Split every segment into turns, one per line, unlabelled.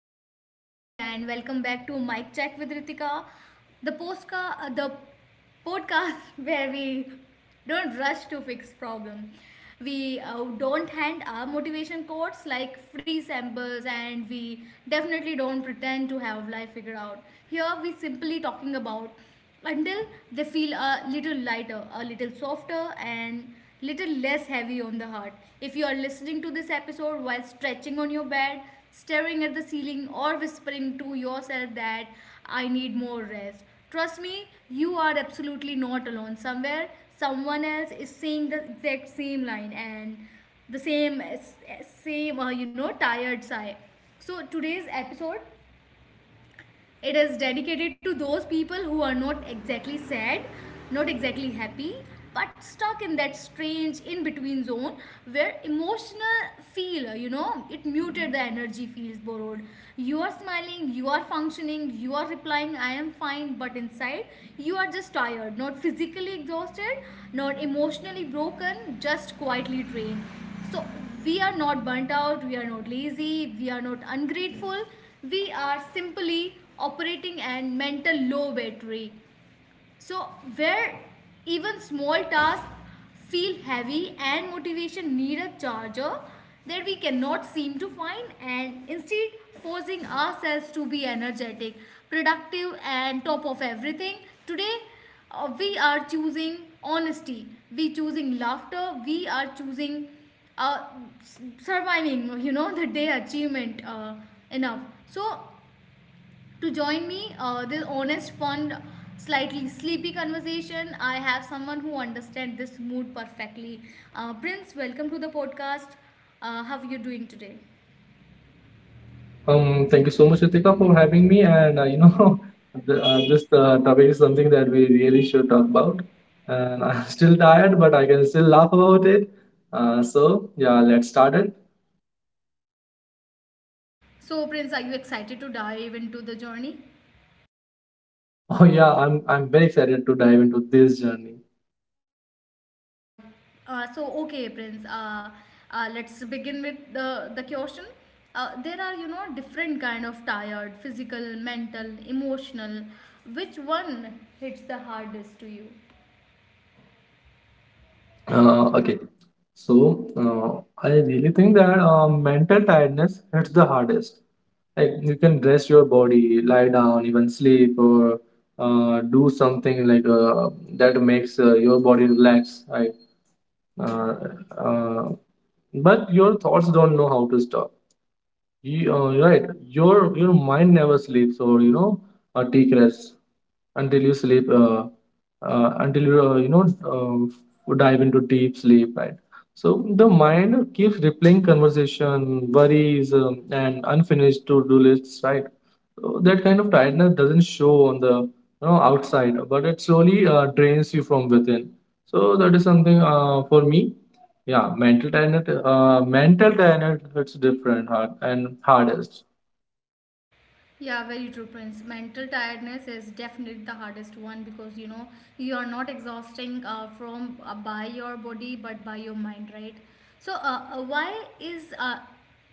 beautiful humans, and welcome back to Mic Check with Ritika. The post ka the podcast where we don't rush to fix problem. We don't hand our motivation quotes like free samples, and we definitely don't pretend to have life figured out. Here we simply talking about until they feel a little lighter, a little softer, and little less heavy on the heart. If you are listening to this episode while stretching on your bed, staring at the ceiling, or whispering to yourself that I need more rest, trust me, you are absolutely not alone. Somewhere, someone else is saying the exact same line and the same, tired sigh. So, today's episode it is dedicated to those people who are not exactly sad, not exactly happy, but stuck in that strange in between zone where emotional feel, it muted the energy feels borrowed. You are smiling, you are functioning, you are replying, I am fine, but inside you are just tired, not physically exhausted, not emotionally broken, just quietly drained. So we are not burnt out, we are not lazy, we are not ungrateful. We are simply operating at mental low battery. So, where even small tasks feel heavy and motivation need a charger that we cannot seem to find, and instead forcing ourselves to be energetic, productive, and top of everything, today we are choosing honesty, we choosing laughter, we are choosing uh, surviving, the day achievement enough. So to join me, this honest, fun, slightly sleepy conversation, I have someone who understands this mood perfectly. Prince, welcome to the podcast. How are you doing today?
Thank you so much, Ritika, for having me. And you know, the, this topic is something that we really should talk about. And I'm still tired, but I can still laugh about it. So yeah, let's start it.
So, Prince, are you excited to dive into the journey?
Oh yeah, I'm very excited to dive into this journey.
Okay, Prince, let's begin with the question. There are, you know, different kind of tired, physical, mental, emotional. Which one hits the hardest to you?
Okay, so I really think that mental tiredness hits the hardest. Like you can rest your body, lie down, even sleep, or do something like that makes your body relax, right? uh, uh, but your thoughts don't know how to stop you're right, your mind never sleeps or you know take rest until you sleep, until you you know, uh, dive into deep sleep, right? So the mind keeps replaying conversation worries and unfinished to-do lists, right? So that kind of tiredness doesn't show on the you know outside, but it slowly drains you from within. So that is something for me. Yeah, mental tenet hits different, hard and hardest.
Yeah, very true, Prince. Mental tiredness is definitely the hardest one because you know you are not exhausting from by your body but by your mind, right? So,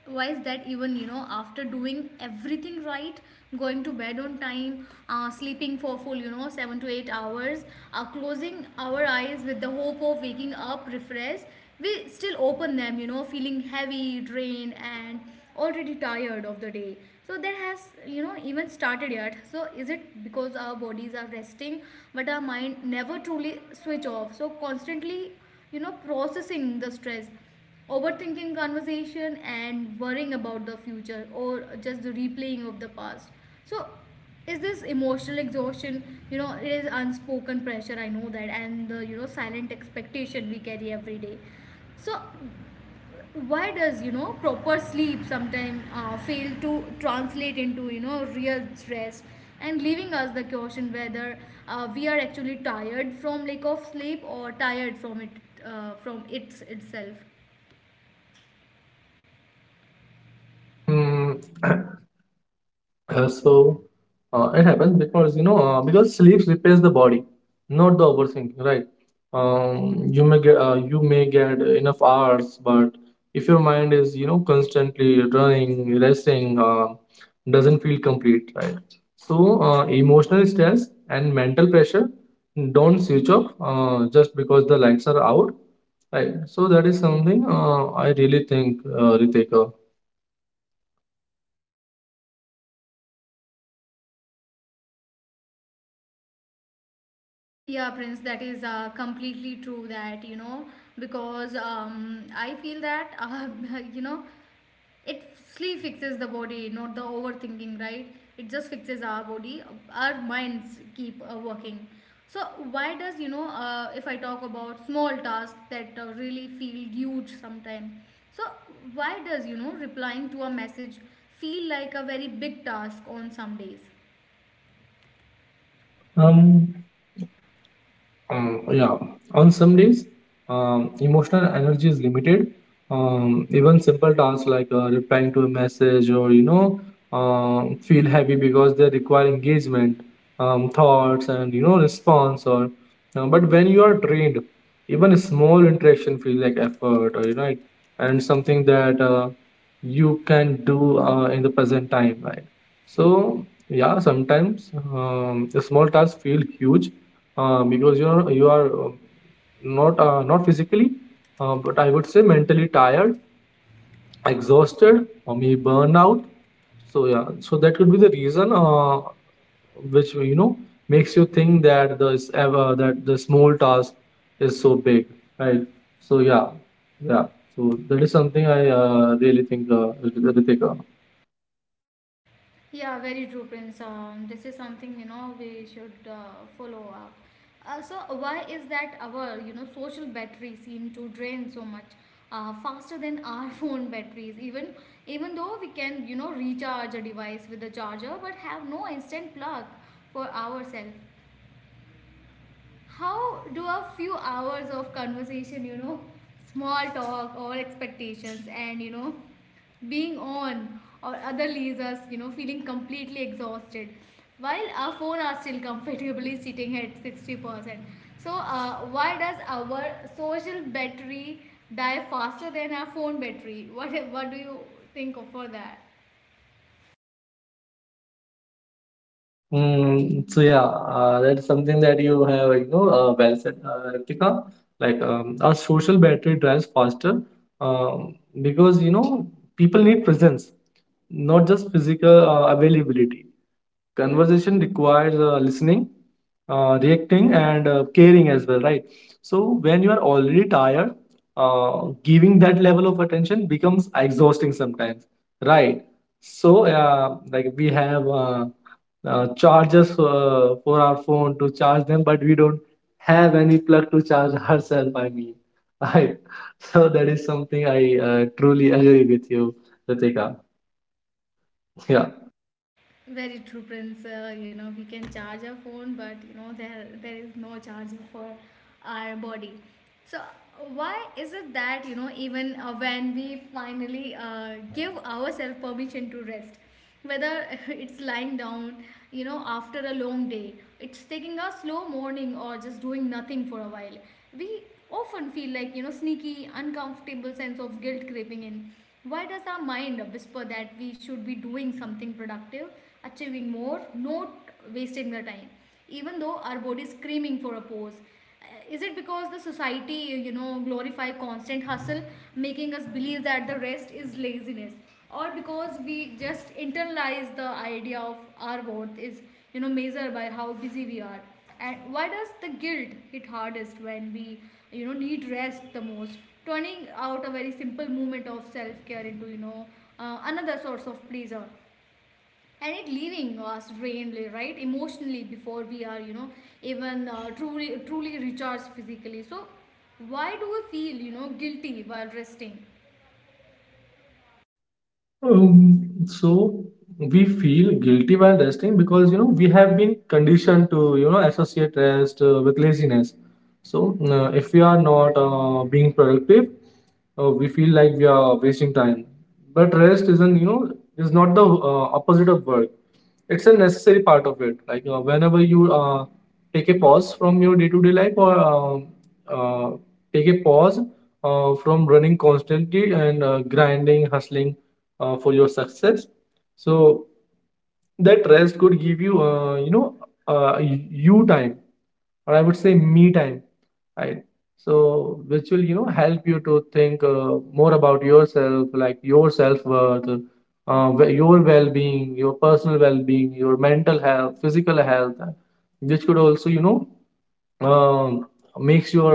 why is that even you know after doing everything right, going to bed on time, sleeping for full you know 7 to 8 hours, closing our eyes with the hope of waking up refreshed? We still open them you know feeling heavy drained and already tired of the day so that has you know even started yet. So is it because our bodies are resting but our mind never truly switch off so constantly you know processing the stress overthinking conversation and worrying about the future or just the replaying of the past? So is this emotional exhaustion you know it is unspoken pressure I know that and the you know silent expectation we carry every day. So, why does you know proper sleep sometimes fail to translate into you know real rest and leaving us the question whether we are actually tired from lack of sleep or tired from it from its itself?
Mm, Uh, so it happens because you know because sleep repairs the body, not the overthinking, right? Um, you may get enough hours, but if your mind is you know constantly running, resting doesn't feel complete, right? So emotional stress and mental pressure don't switch off just because the lights are out, right? So that is something I really think, Ritika.
Yeah, Prince, that is completely true. That you know, because I feel that you know, it sleep fixes the body not the overthinking right. It just fixes our body. Our minds keep working. So why does you know if I talk about small tasks that really feel huge sometimes. So why does you know replying to a message feel like a very big task on some days?
Um, yeah, on some days, emotional energy is limited. Even simple tasks like replying to a message or you know, feel heavy because they require engagement, thoughts, and you know, response. Or but when you are trained, even a small interaction feels like effort, or you know, and something that you can do in the present time, right? So yeah, sometimes the small tasks feel huge because you are not not physically but I would say mentally tired, exhausted, or maybe burnout. So yeah, so that could be the reason which you know makes you think that this ever, that the small task is so big, right? So yeah, yeah, so that is something I really think, Ritika.
Yeah, very true, Prince. This is something you know we should follow up. So why is that our you know social battery seem to drain so much faster than our phone batteries? Even even though we can you know recharge a device with a charger, but have no instant plug for ourselves. How do a few hours of conversation you know small talk or expectations and you know being on or other leaves us you know feeling completely exhausted while our phone are still comfortably sitting at 60%? So why does our social battery die faster than our phone battery? What do you think of for that?
Mm, so yeah, that's something that you have, you know, well said, Ritika. Like our social battery drives faster um, because you know people need presence, not just physical availability. Conversation requires listening, reacting, and caring as well, right? So when you are already tired, giving that level of attention becomes exhausting sometimes, right? So like we have chargers for our phone to charge them, but we don't have any plug to charge ourselves, I mean, right? So that is something I truly agree with you, Ritika. Yeah.
Very true, Prince. You know, we can charge our phone, but you know, there is no charger for our body. So why is it that you know, even when we finally give ourselves permission to rest, whether it's lying down, you know, after a long day, it's taking a slow morning, or just doing nothing for a while, we often feel like you know, sneaky, uncomfortable sense of guilt creeping in. Why does our mind whisper that we should be doing something productive? Achieving more, not wasting their time, even though our body is screaming for a pause? Is it because the society, you know, glorify constant hustle, making us believe that the rest is laziness, or because we just internalize the idea of our worth is, you know, measured by how busy we are? And why does the guilt hit hardest when we, you know, need rest the most? Turning out a very simple movement of self care into, another source of pleasure and it leaving us drained right emotionally before we are you know even truly truly recharged physically. So why do we feel you know guilty while resting?
So we feel guilty while resting because you know we have been conditioned to you know associate rest with laziness. So if we are not being productive, we feel like we are wasting time. But rest isn't you know, is not the opposite of work. It's a necessary part of it. Like whenever you take a pause from your day-to-day life, or uh, take a pause from running constantly and grinding, hustling for your success, so that rest could give you you know uh, you time, or I would say me time, right? So which will you know help you to think more about yourself, like your self-worth, your well-being, your personal well-being, your mental health, physical health, which could also you know um, makes your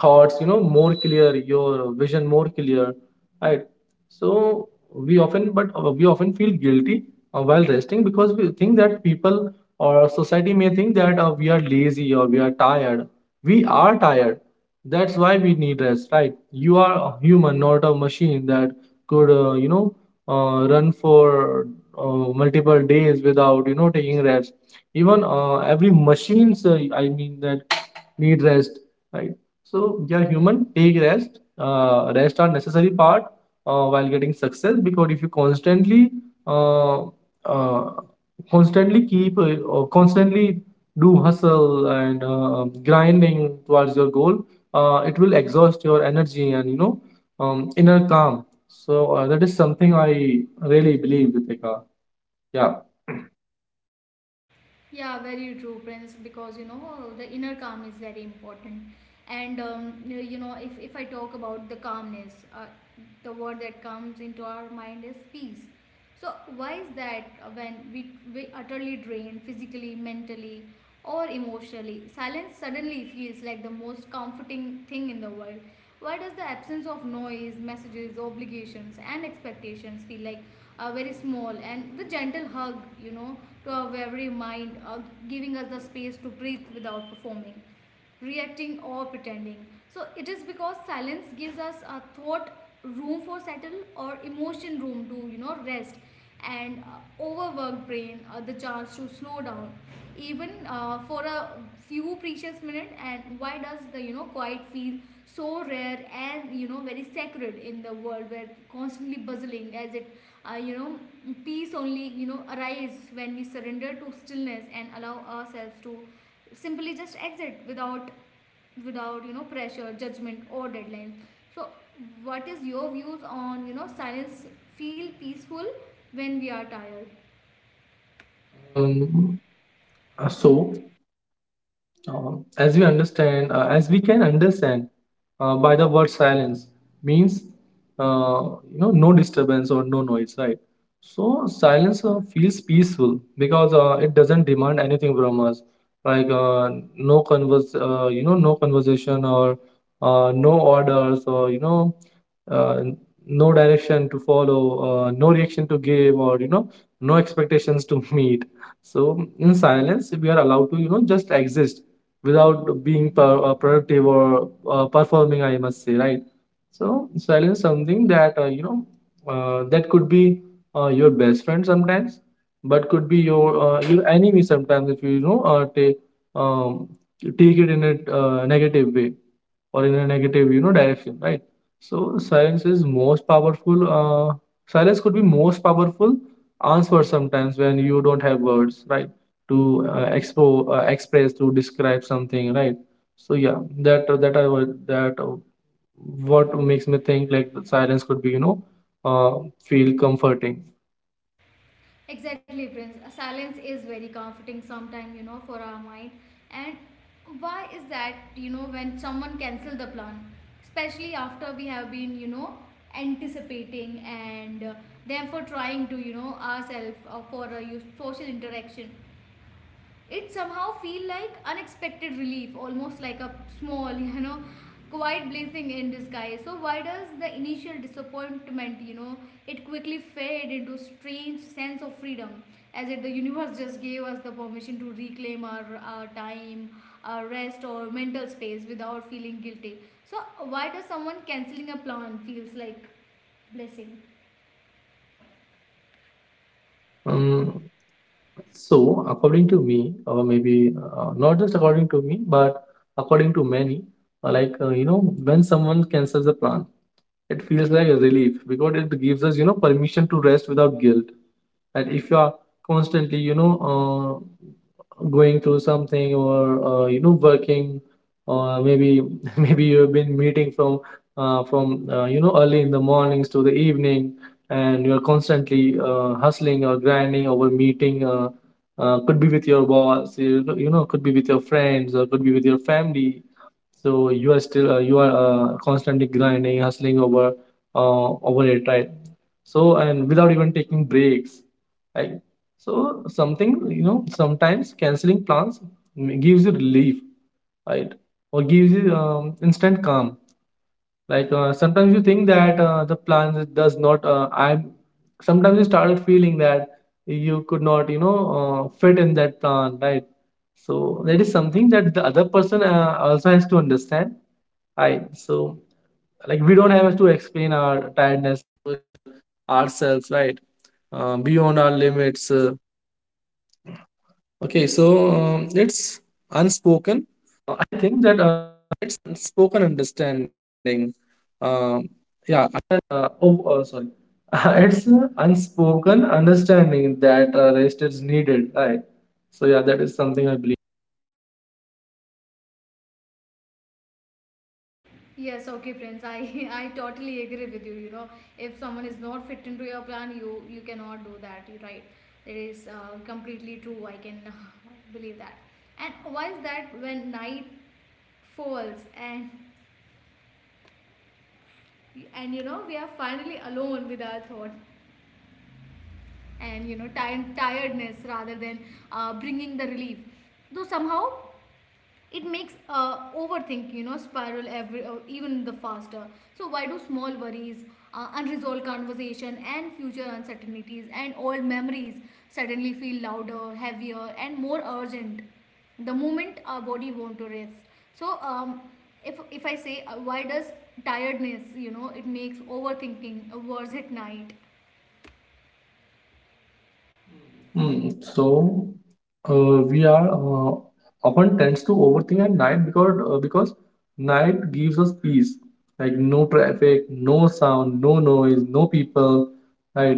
thoughts you know more clear, your vision more clear, right? So we often feel guilty while resting because we think that people or society may think that we are lazy, or we are tired. We are tired, that's why we need rest, right? You are a human, not a machine that could you know run for multiple days without you know taking rest. Even every machines I mean that need rest, right? So we are human, take rest. Rest are necessary part while getting success, because if you constantly uh, uh, constantly keep or constantly do hustle and grinding towards your goal, it will exhaust your energy and you know inner calm. So that is something I really believe, Ritika. Yeah.
Yeah, very true, Prince, because you know the inner calm is very important. And you know, if I talk about the calmness, the word that comes into our mind is peace. So, why is that when we utterly drained physically, mentally, or emotionally, silence suddenly feels like the most comforting thing in the world? Why does the absence of noise, messages, obligations, and expectations feel like very small? And the gentle hug, you know, to our very mind, giving us the space to breathe without performing reacting or pretending. So it is because silence gives us a thought room for settle or emotion room to you know rest and overworked brain the chance to slow down even for a few precious minutes. And why does the you know quiet feel so rare and you know very sacred in the world where constantly bustling as it you know peace only you know arises when we surrender to stillness and allow ourselves to simply just exit without without you know pressure judgment or deadlines. So what is your views on you know silence feel peaceful when we are tired?
Um, so as we can understand by the word silence means uh, you know no disturbance or no noise, right? So silence feels peaceful because it doesn't demand anything from us, like you know, no conversation or no orders, or you know, uh, no direction to follow, no reaction to give, or you know, no expectations to meet. So in silence, we are allowed to you know just exist without being productive or performing, I must say, right? So silence something that you know that could be your best friend sometimes, but could be your enemy sometimes if you, you know take um, take it in a negative way or in a negative you know direction, right? So silence could be most powerful answer sometimes when you don't have words, right? To expo express, to describe something, right? So yeah, that that I would that what makes me think like the silence could be you know uh, feel comforting.
Exactly, Prince. A silence is very comforting sometimes you know for our mind. And why is that you know when someone cancel the plan especially after we have been you know anticipating and therefore trying to you know ourselves for a social interaction it somehow feel like unexpected relief almost like a small you know quiet blessing in disguise. So why does the initial disappointment you know it quickly fade into strange sense of freedom as if the universe just gave us the permission to reclaim our time our rest or mental space without feeling guilty? So why does someone canceling a plan feels like blessing?
Um, So, according to me, or maybe not just according to me, but according to many, like you know, when someone cancels a plan, it feels like a relief because it gives us you know permission to rest without guilt. And if you are constantly, you know, going through something or you know working, or maybe maybe you have been meeting from you know early in the mornings to the evening, and you are constantly hustling or grinding over meeting. Could be with your boss, you know, could be with your friends, or could be with your family. So you are still you are constantly grinding, hustling over over it, right? So and without even taking breaks, right? So something you know sometimes canceling plans gives you relief, right? Or gives you instant calm. Like sometimes you think that the plan does not. I'm Sometimes you started feeling that you could not you know fit in that plan, right? So that is something that the other person also has to understand. Hi. So, like we don't have to, it's an unspoken understanding that rest is needed, right? So yeah, that is something I believe.
Yes, okay, Prince. I I totally agree with you. You know, if someone is not fit into your plan, you cannot do that. You're right. That is completely true. I can believe that. And why is that? When night falls and you know we are finally alone with our thought and you know time tiredness rather than bringing the relief. Though somehow it makes overthinking, you know spiral every even the faster. So why do small worries unresolved conversation and future uncertainties and old memories suddenly feel louder heavier and more urgent the moment our body want to rest? So if I say why does tiredness you know it makes overthinking worse at night?
Hmm. So we are often tends to overthink at night because night gives us peace, like no traffic, no sound, no noise, no people, right?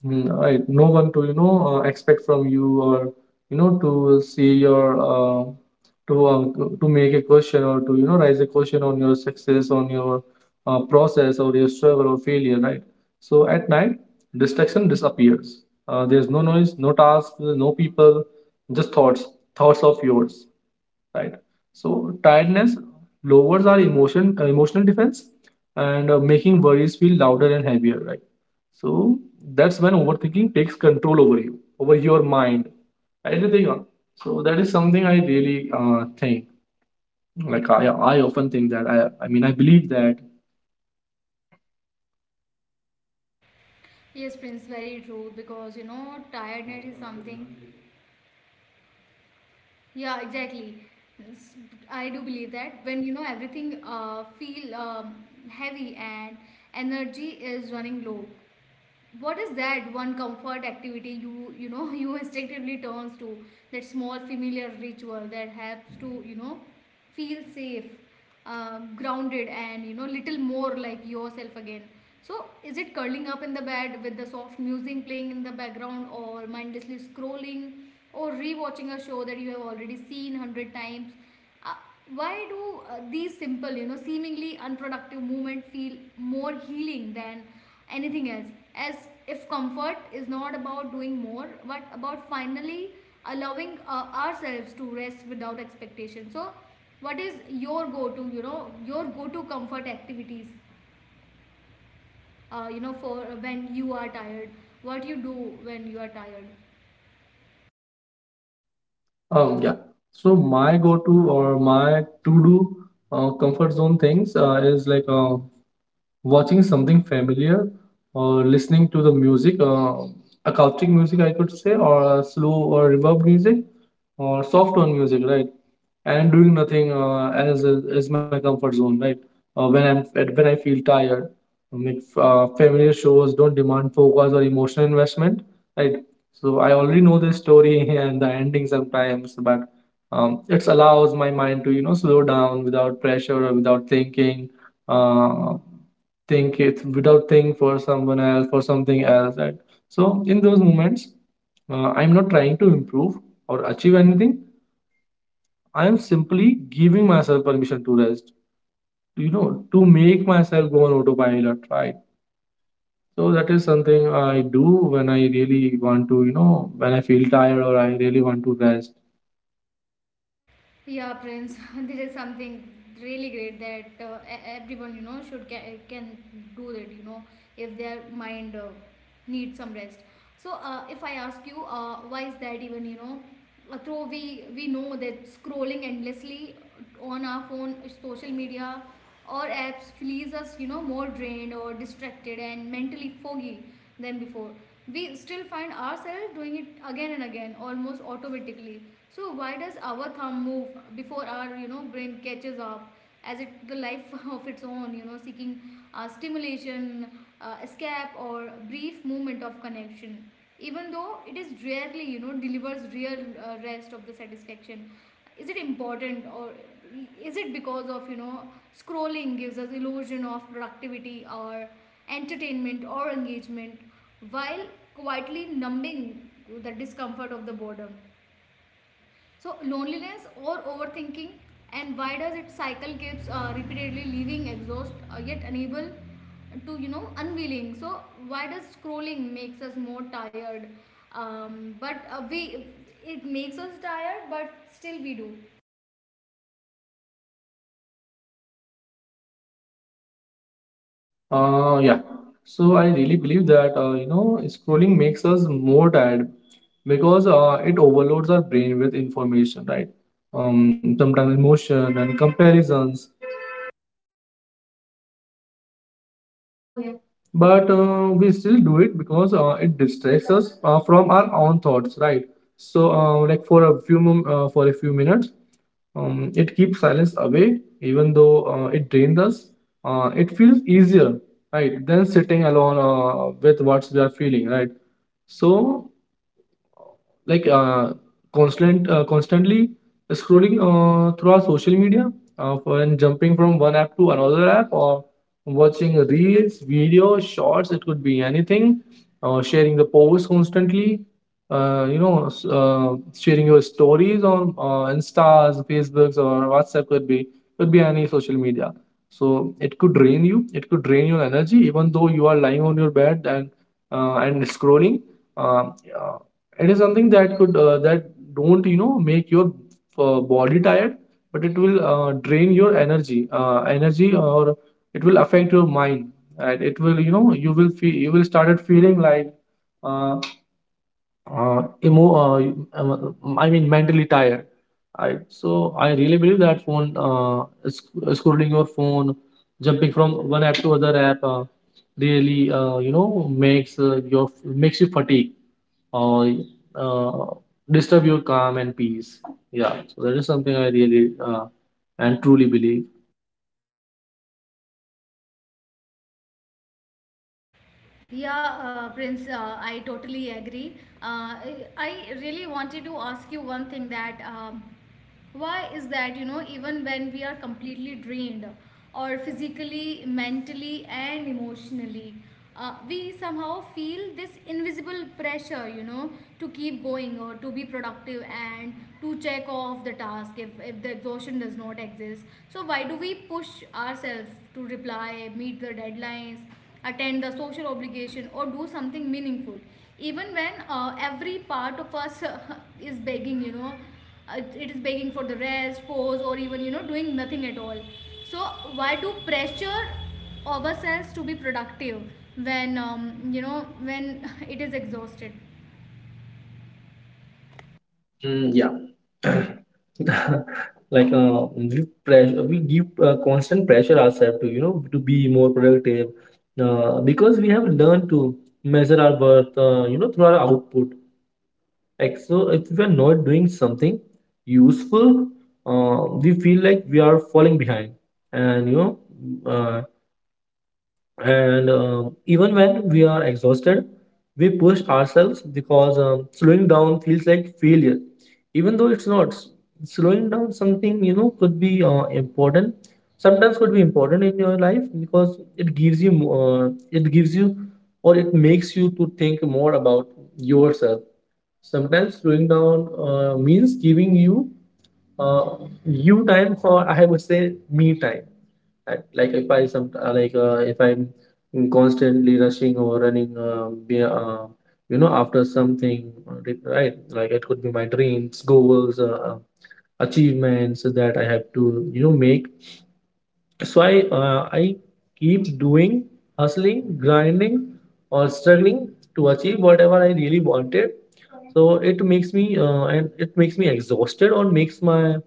Hmm. Right, no one to you know expect from you, or you know, to see your to make a question, or to you know raise a question on your success, on your process, or your struggle, or failure, right? So at night, distraction disappears, there's no noise, no task, no people, just thoughts, thoughts of yours, right? So tiredness lowers our emotional defense, and making worries feel louder and heavier, right? That's when overthinking takes control over you, over your mind, everything. So that is something I really think. Like I often think that I mean, I believe that
Yes, Prince, very true because you know tiredness is something. Yeah, exactly. S- I do believe that when you know everything feel heavy and energy is running low, what is that one comfort activity you you know you instinctively turns to, that small familiar ritual that helps to you know feel safe grounded and you know little more like yourself again? So is it curling up in the bed with the soft music playing in the background or mindlessly scrolling or rewatching a show that you have already seen 100 times? Uh, why do uh, these simple, you know, seemingly unproductive movement feel more healing than anything else? As if comfort is not about doing more, but about finally allowing ourselves to rest without expectation. So, what is your go-to, your go-to comfort activities? You know, for when you are tired, what you do when you are tired?
Yeah. So my go-to, or my to-do comfort zone things is like watching something familiar or listening to the music, acoustic music, I could say, or slow or reverb music, or soft tone music, right? And doing nothing as is my comfort zone, right? Uh, when I'm when I feel tired, I mean, familiar shows don't demand focus or emotional investment, right? So I already know the story and the ending sometimes, but it allows my mind to you know slow down without pressure or without thinking. Uh, think it without think For someone else, for something else, and so in those moments, I'm not trying to improve or achieve anything, I am simply giving myself permission to rest, you know, to make myself go on autopilot, right? So that is something I do when I really want to you know, when I feel tired or I really want to rest.
Yeah, Prince, this is something really great that everyone you know should can do it. You know, if their mind needs some rest. So, if I ask you, why is that even? You know, though we know that scrolling endlessly on our phone, social media, or apps leaves us, you know, more drained or distracted and mentally foggy than before. We still find ourselves doing it again and again almost automatically. So why does our thumb move before our, you know, brain catches up, as it the life of its own, you know, seeking stimulation, escape, or brief moment of connection, even though it is rarely, you know, delivers real rest of the satisfaction? Is it important, or is it because of, you know, scrolling gives us illusion of productivity or entertainment or engagement, while quietly numbing the discomfort of the boredom, so loneliness or overthinking, and why does it cycle keeps repeatedly leaving exhaust yet unable to, you know, unwilling? So why does scrolling makes us more tired? But we it makes us tired, but still we do.
Yeah. So I really believe that scrolling makes us more tired because it overloads our brain with information, right? Sometimes emotion and comparisons, but we still do it because it distracts us from our own thoughts, right? So for a few minutes, it keeps silence away, even though it drains us. It feels easier, right, than sitting alone with what we are feeling, right? So like constantly scrolling through our social media, uh, and jumping from one app to another app, or watching reels, videos, shorts. It could be anything. Sharing the posts constantly, sharing your stories on instas, facebooks, or whatsapp. Could be any social media. So it could drain you, it could drain your energy, even though you are lying on your bed and scrolling. um, it is something that could that don't make your body tired, but it will drain your energy, or it will affect your mind. And it will, you will feel, you will started feeling like uh, emo I mean mentally tired. So I really believe that phone, scrolling your phone, jumping from one app to other app, really makes you fatigue, or uh, disturb your calm and peace. Yeah, so that is something I really and truly believe.
Yeah, Prince, I totally agree. I really wanted to ask you one thing that. Why is that, you know, even when we are completely drained or physically mentally and emotionally, we somehow feel this invisible pressure, you know, to keep going or to be productive and to check off the task if, the exhaustion does not exist. So why do we push ourselves to reply meet the deadlines, attend the social obligation, or do something meaningful, even when every part of us is begging, you know, it is begging for the rest pose, or even, you know, doing nothing at all? So why to pressure ourselves to be productive when you know, when it is exhausted?
Yeah. Like we give constant pressure ourselves to, to be more productive, because we have learned to measure our worth, through our output. Like, so if we are not doing something useful, we feel like we are falling behind, and uh, even when we are exhausted we push ourselves because slowing down feels like failure, even though it's not. Slowing down something, could be important. Sometimes could be important in your life because it gives you it gives you, or it makes you to think more about yourself. Sometimes slowing down means giving you uh, you time, or I would say me time. If I'm constantly rushing or running, be, you know after something, right, like it could be my dreams, goals, achievements that I have to, you know, make. So I keep doing, hustling, grinding, or struggling to achieve whatever I really wanted. So it makes me exhausted, or makes my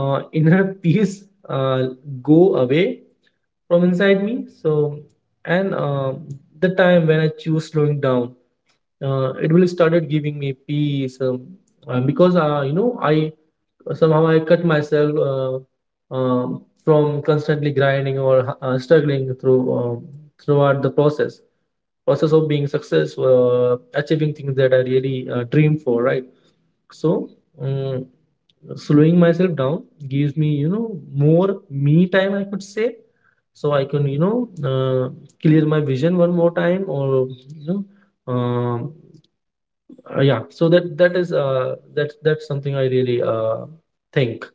inner peace uh, go away from inside me. So, and the time when I choose slowing down, it will started giving me peace, because, you know, I, somehow I cut myself, from constantly grinding or struggling through, throughout the process of being successful, achieving things that I really dream for, right? So, uh, slowing myself down gives me, you know, more me time, I could say. So I can, you know, clear my vision one more time, or know, um, yeah. So that is that's something I really think.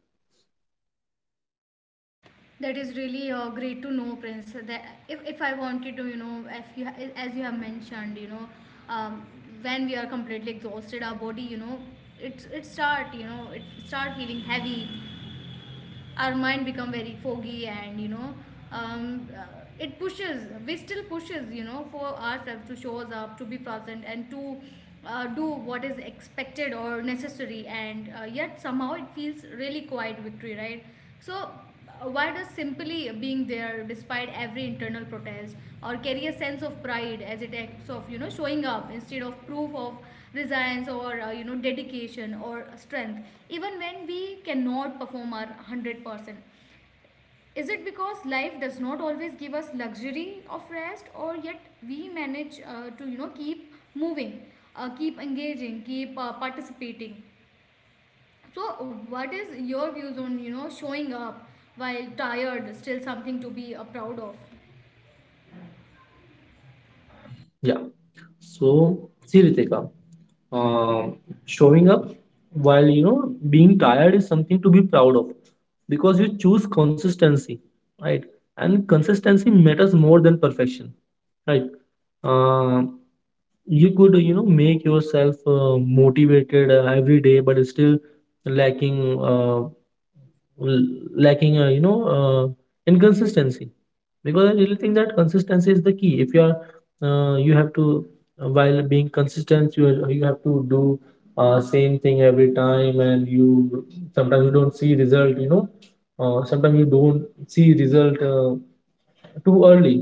That is really great to know, Prince, that if, I wanted to, you know, if you, as you have mentioned, you know, um, when we are completely exhausted, our body, you know, it start, you know, it start feeling heavy, our mind become very foggy, and you know, um, uh, it pushes, we still pushes, you know, for ourselves to shows up, to be present, and to do what is expected or necessary, and yet somehow it feels really quiet victory, right? So why does simply being there despite every internal protest or carry a sense of pride, as it acts of, you know, showing up instead of proof of resilience or, you know, dedication or strength, even when we cannot perform our 100%? Is it because life does not always give us luxury of rest, or yet we manage to, you know, keep moving, keep engaging, keep participating? So what is your views on, you know, showing up while tired? Still something to be proud of.
Yeah. So see, Ritika. Um, Showing up while, you know, being tired is something to be proud of, because you choose consistency, right? And consistency matters more than perfection, right? Um, you could, you know, make yourself motivated every day, but still lacking l- lacking, inconsistency, because I really think that consistency is the key. If you are you have to, while being consistent, you have to do same thing every time, and you, sometimes you don't see result, you know, sometimes you don't see result too early,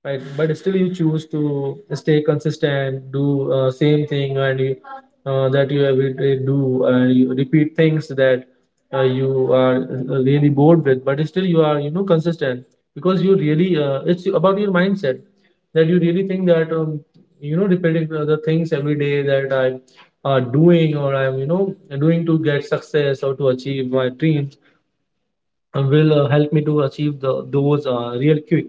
right? But still you choose to stay consistent, do same thing, and you, that you every day do, and you repeat things that you are really bored with, but still you are, you know, consistent. Because you really it's about your mindset, that you really think that you know, repeating the things every day that I are doing, or I'm, you know, doing to get success or to achieve my dreams will help me to achieve the those real quick.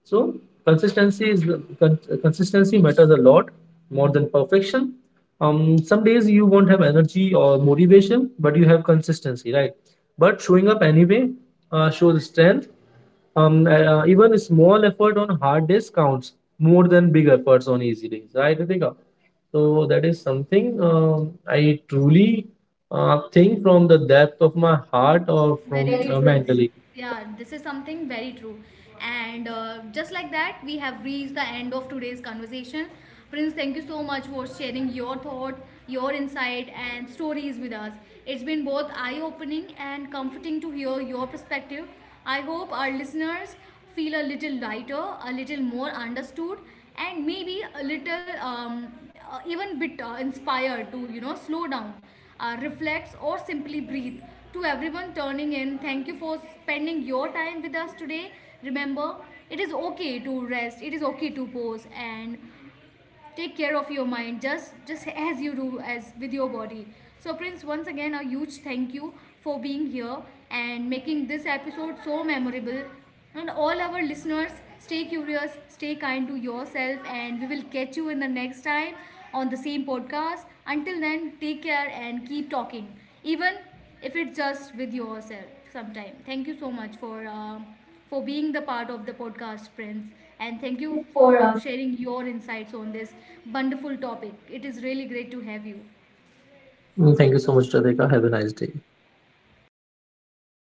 So consistency is, consistency matters a lot more than perfection. Some days you won't have energy or motivation, but you have consistency, right? But showing up anyway shows strength. Even a small effort on hard days counts more than big efforts on easy days, right, Ritika? So that is something, I truly think from the depth of my heart, or from
Very true, Prince.
mentally.
Yeah, this is something very true. And just like that, we have reached the end of today's conversation. Prince, thank you so much for sharing your thoughts, your insight, and stories with us. It's been both eye opening and comforting to hear your perspective. I hope our listeners feel a little lighter, a little more understood, and maybe a little even bit inspired to, you know, slow down, reflects, or simply breathe. To everyone turning in, thank you for spending your time with us today. Remember, it is okay to rest, it is okay to pause, and take care of your mind just as you do as with your body. So Prince, once again, a huge thank you for being here and making this episode so memorable. And all our listeners, stay curious, stay kind to yourself, and we will catch you in the next time on the same podcast. Until then, take care and keep talking, even if it's just with yourself sometime. Thank you so much for being the part of the podcast, friends.
And
And thank
thank
you
you
for
for.
sharing your insights on this wonderful topic. It is really great to have you.
Thank you so much, Radhika. Have a nice day.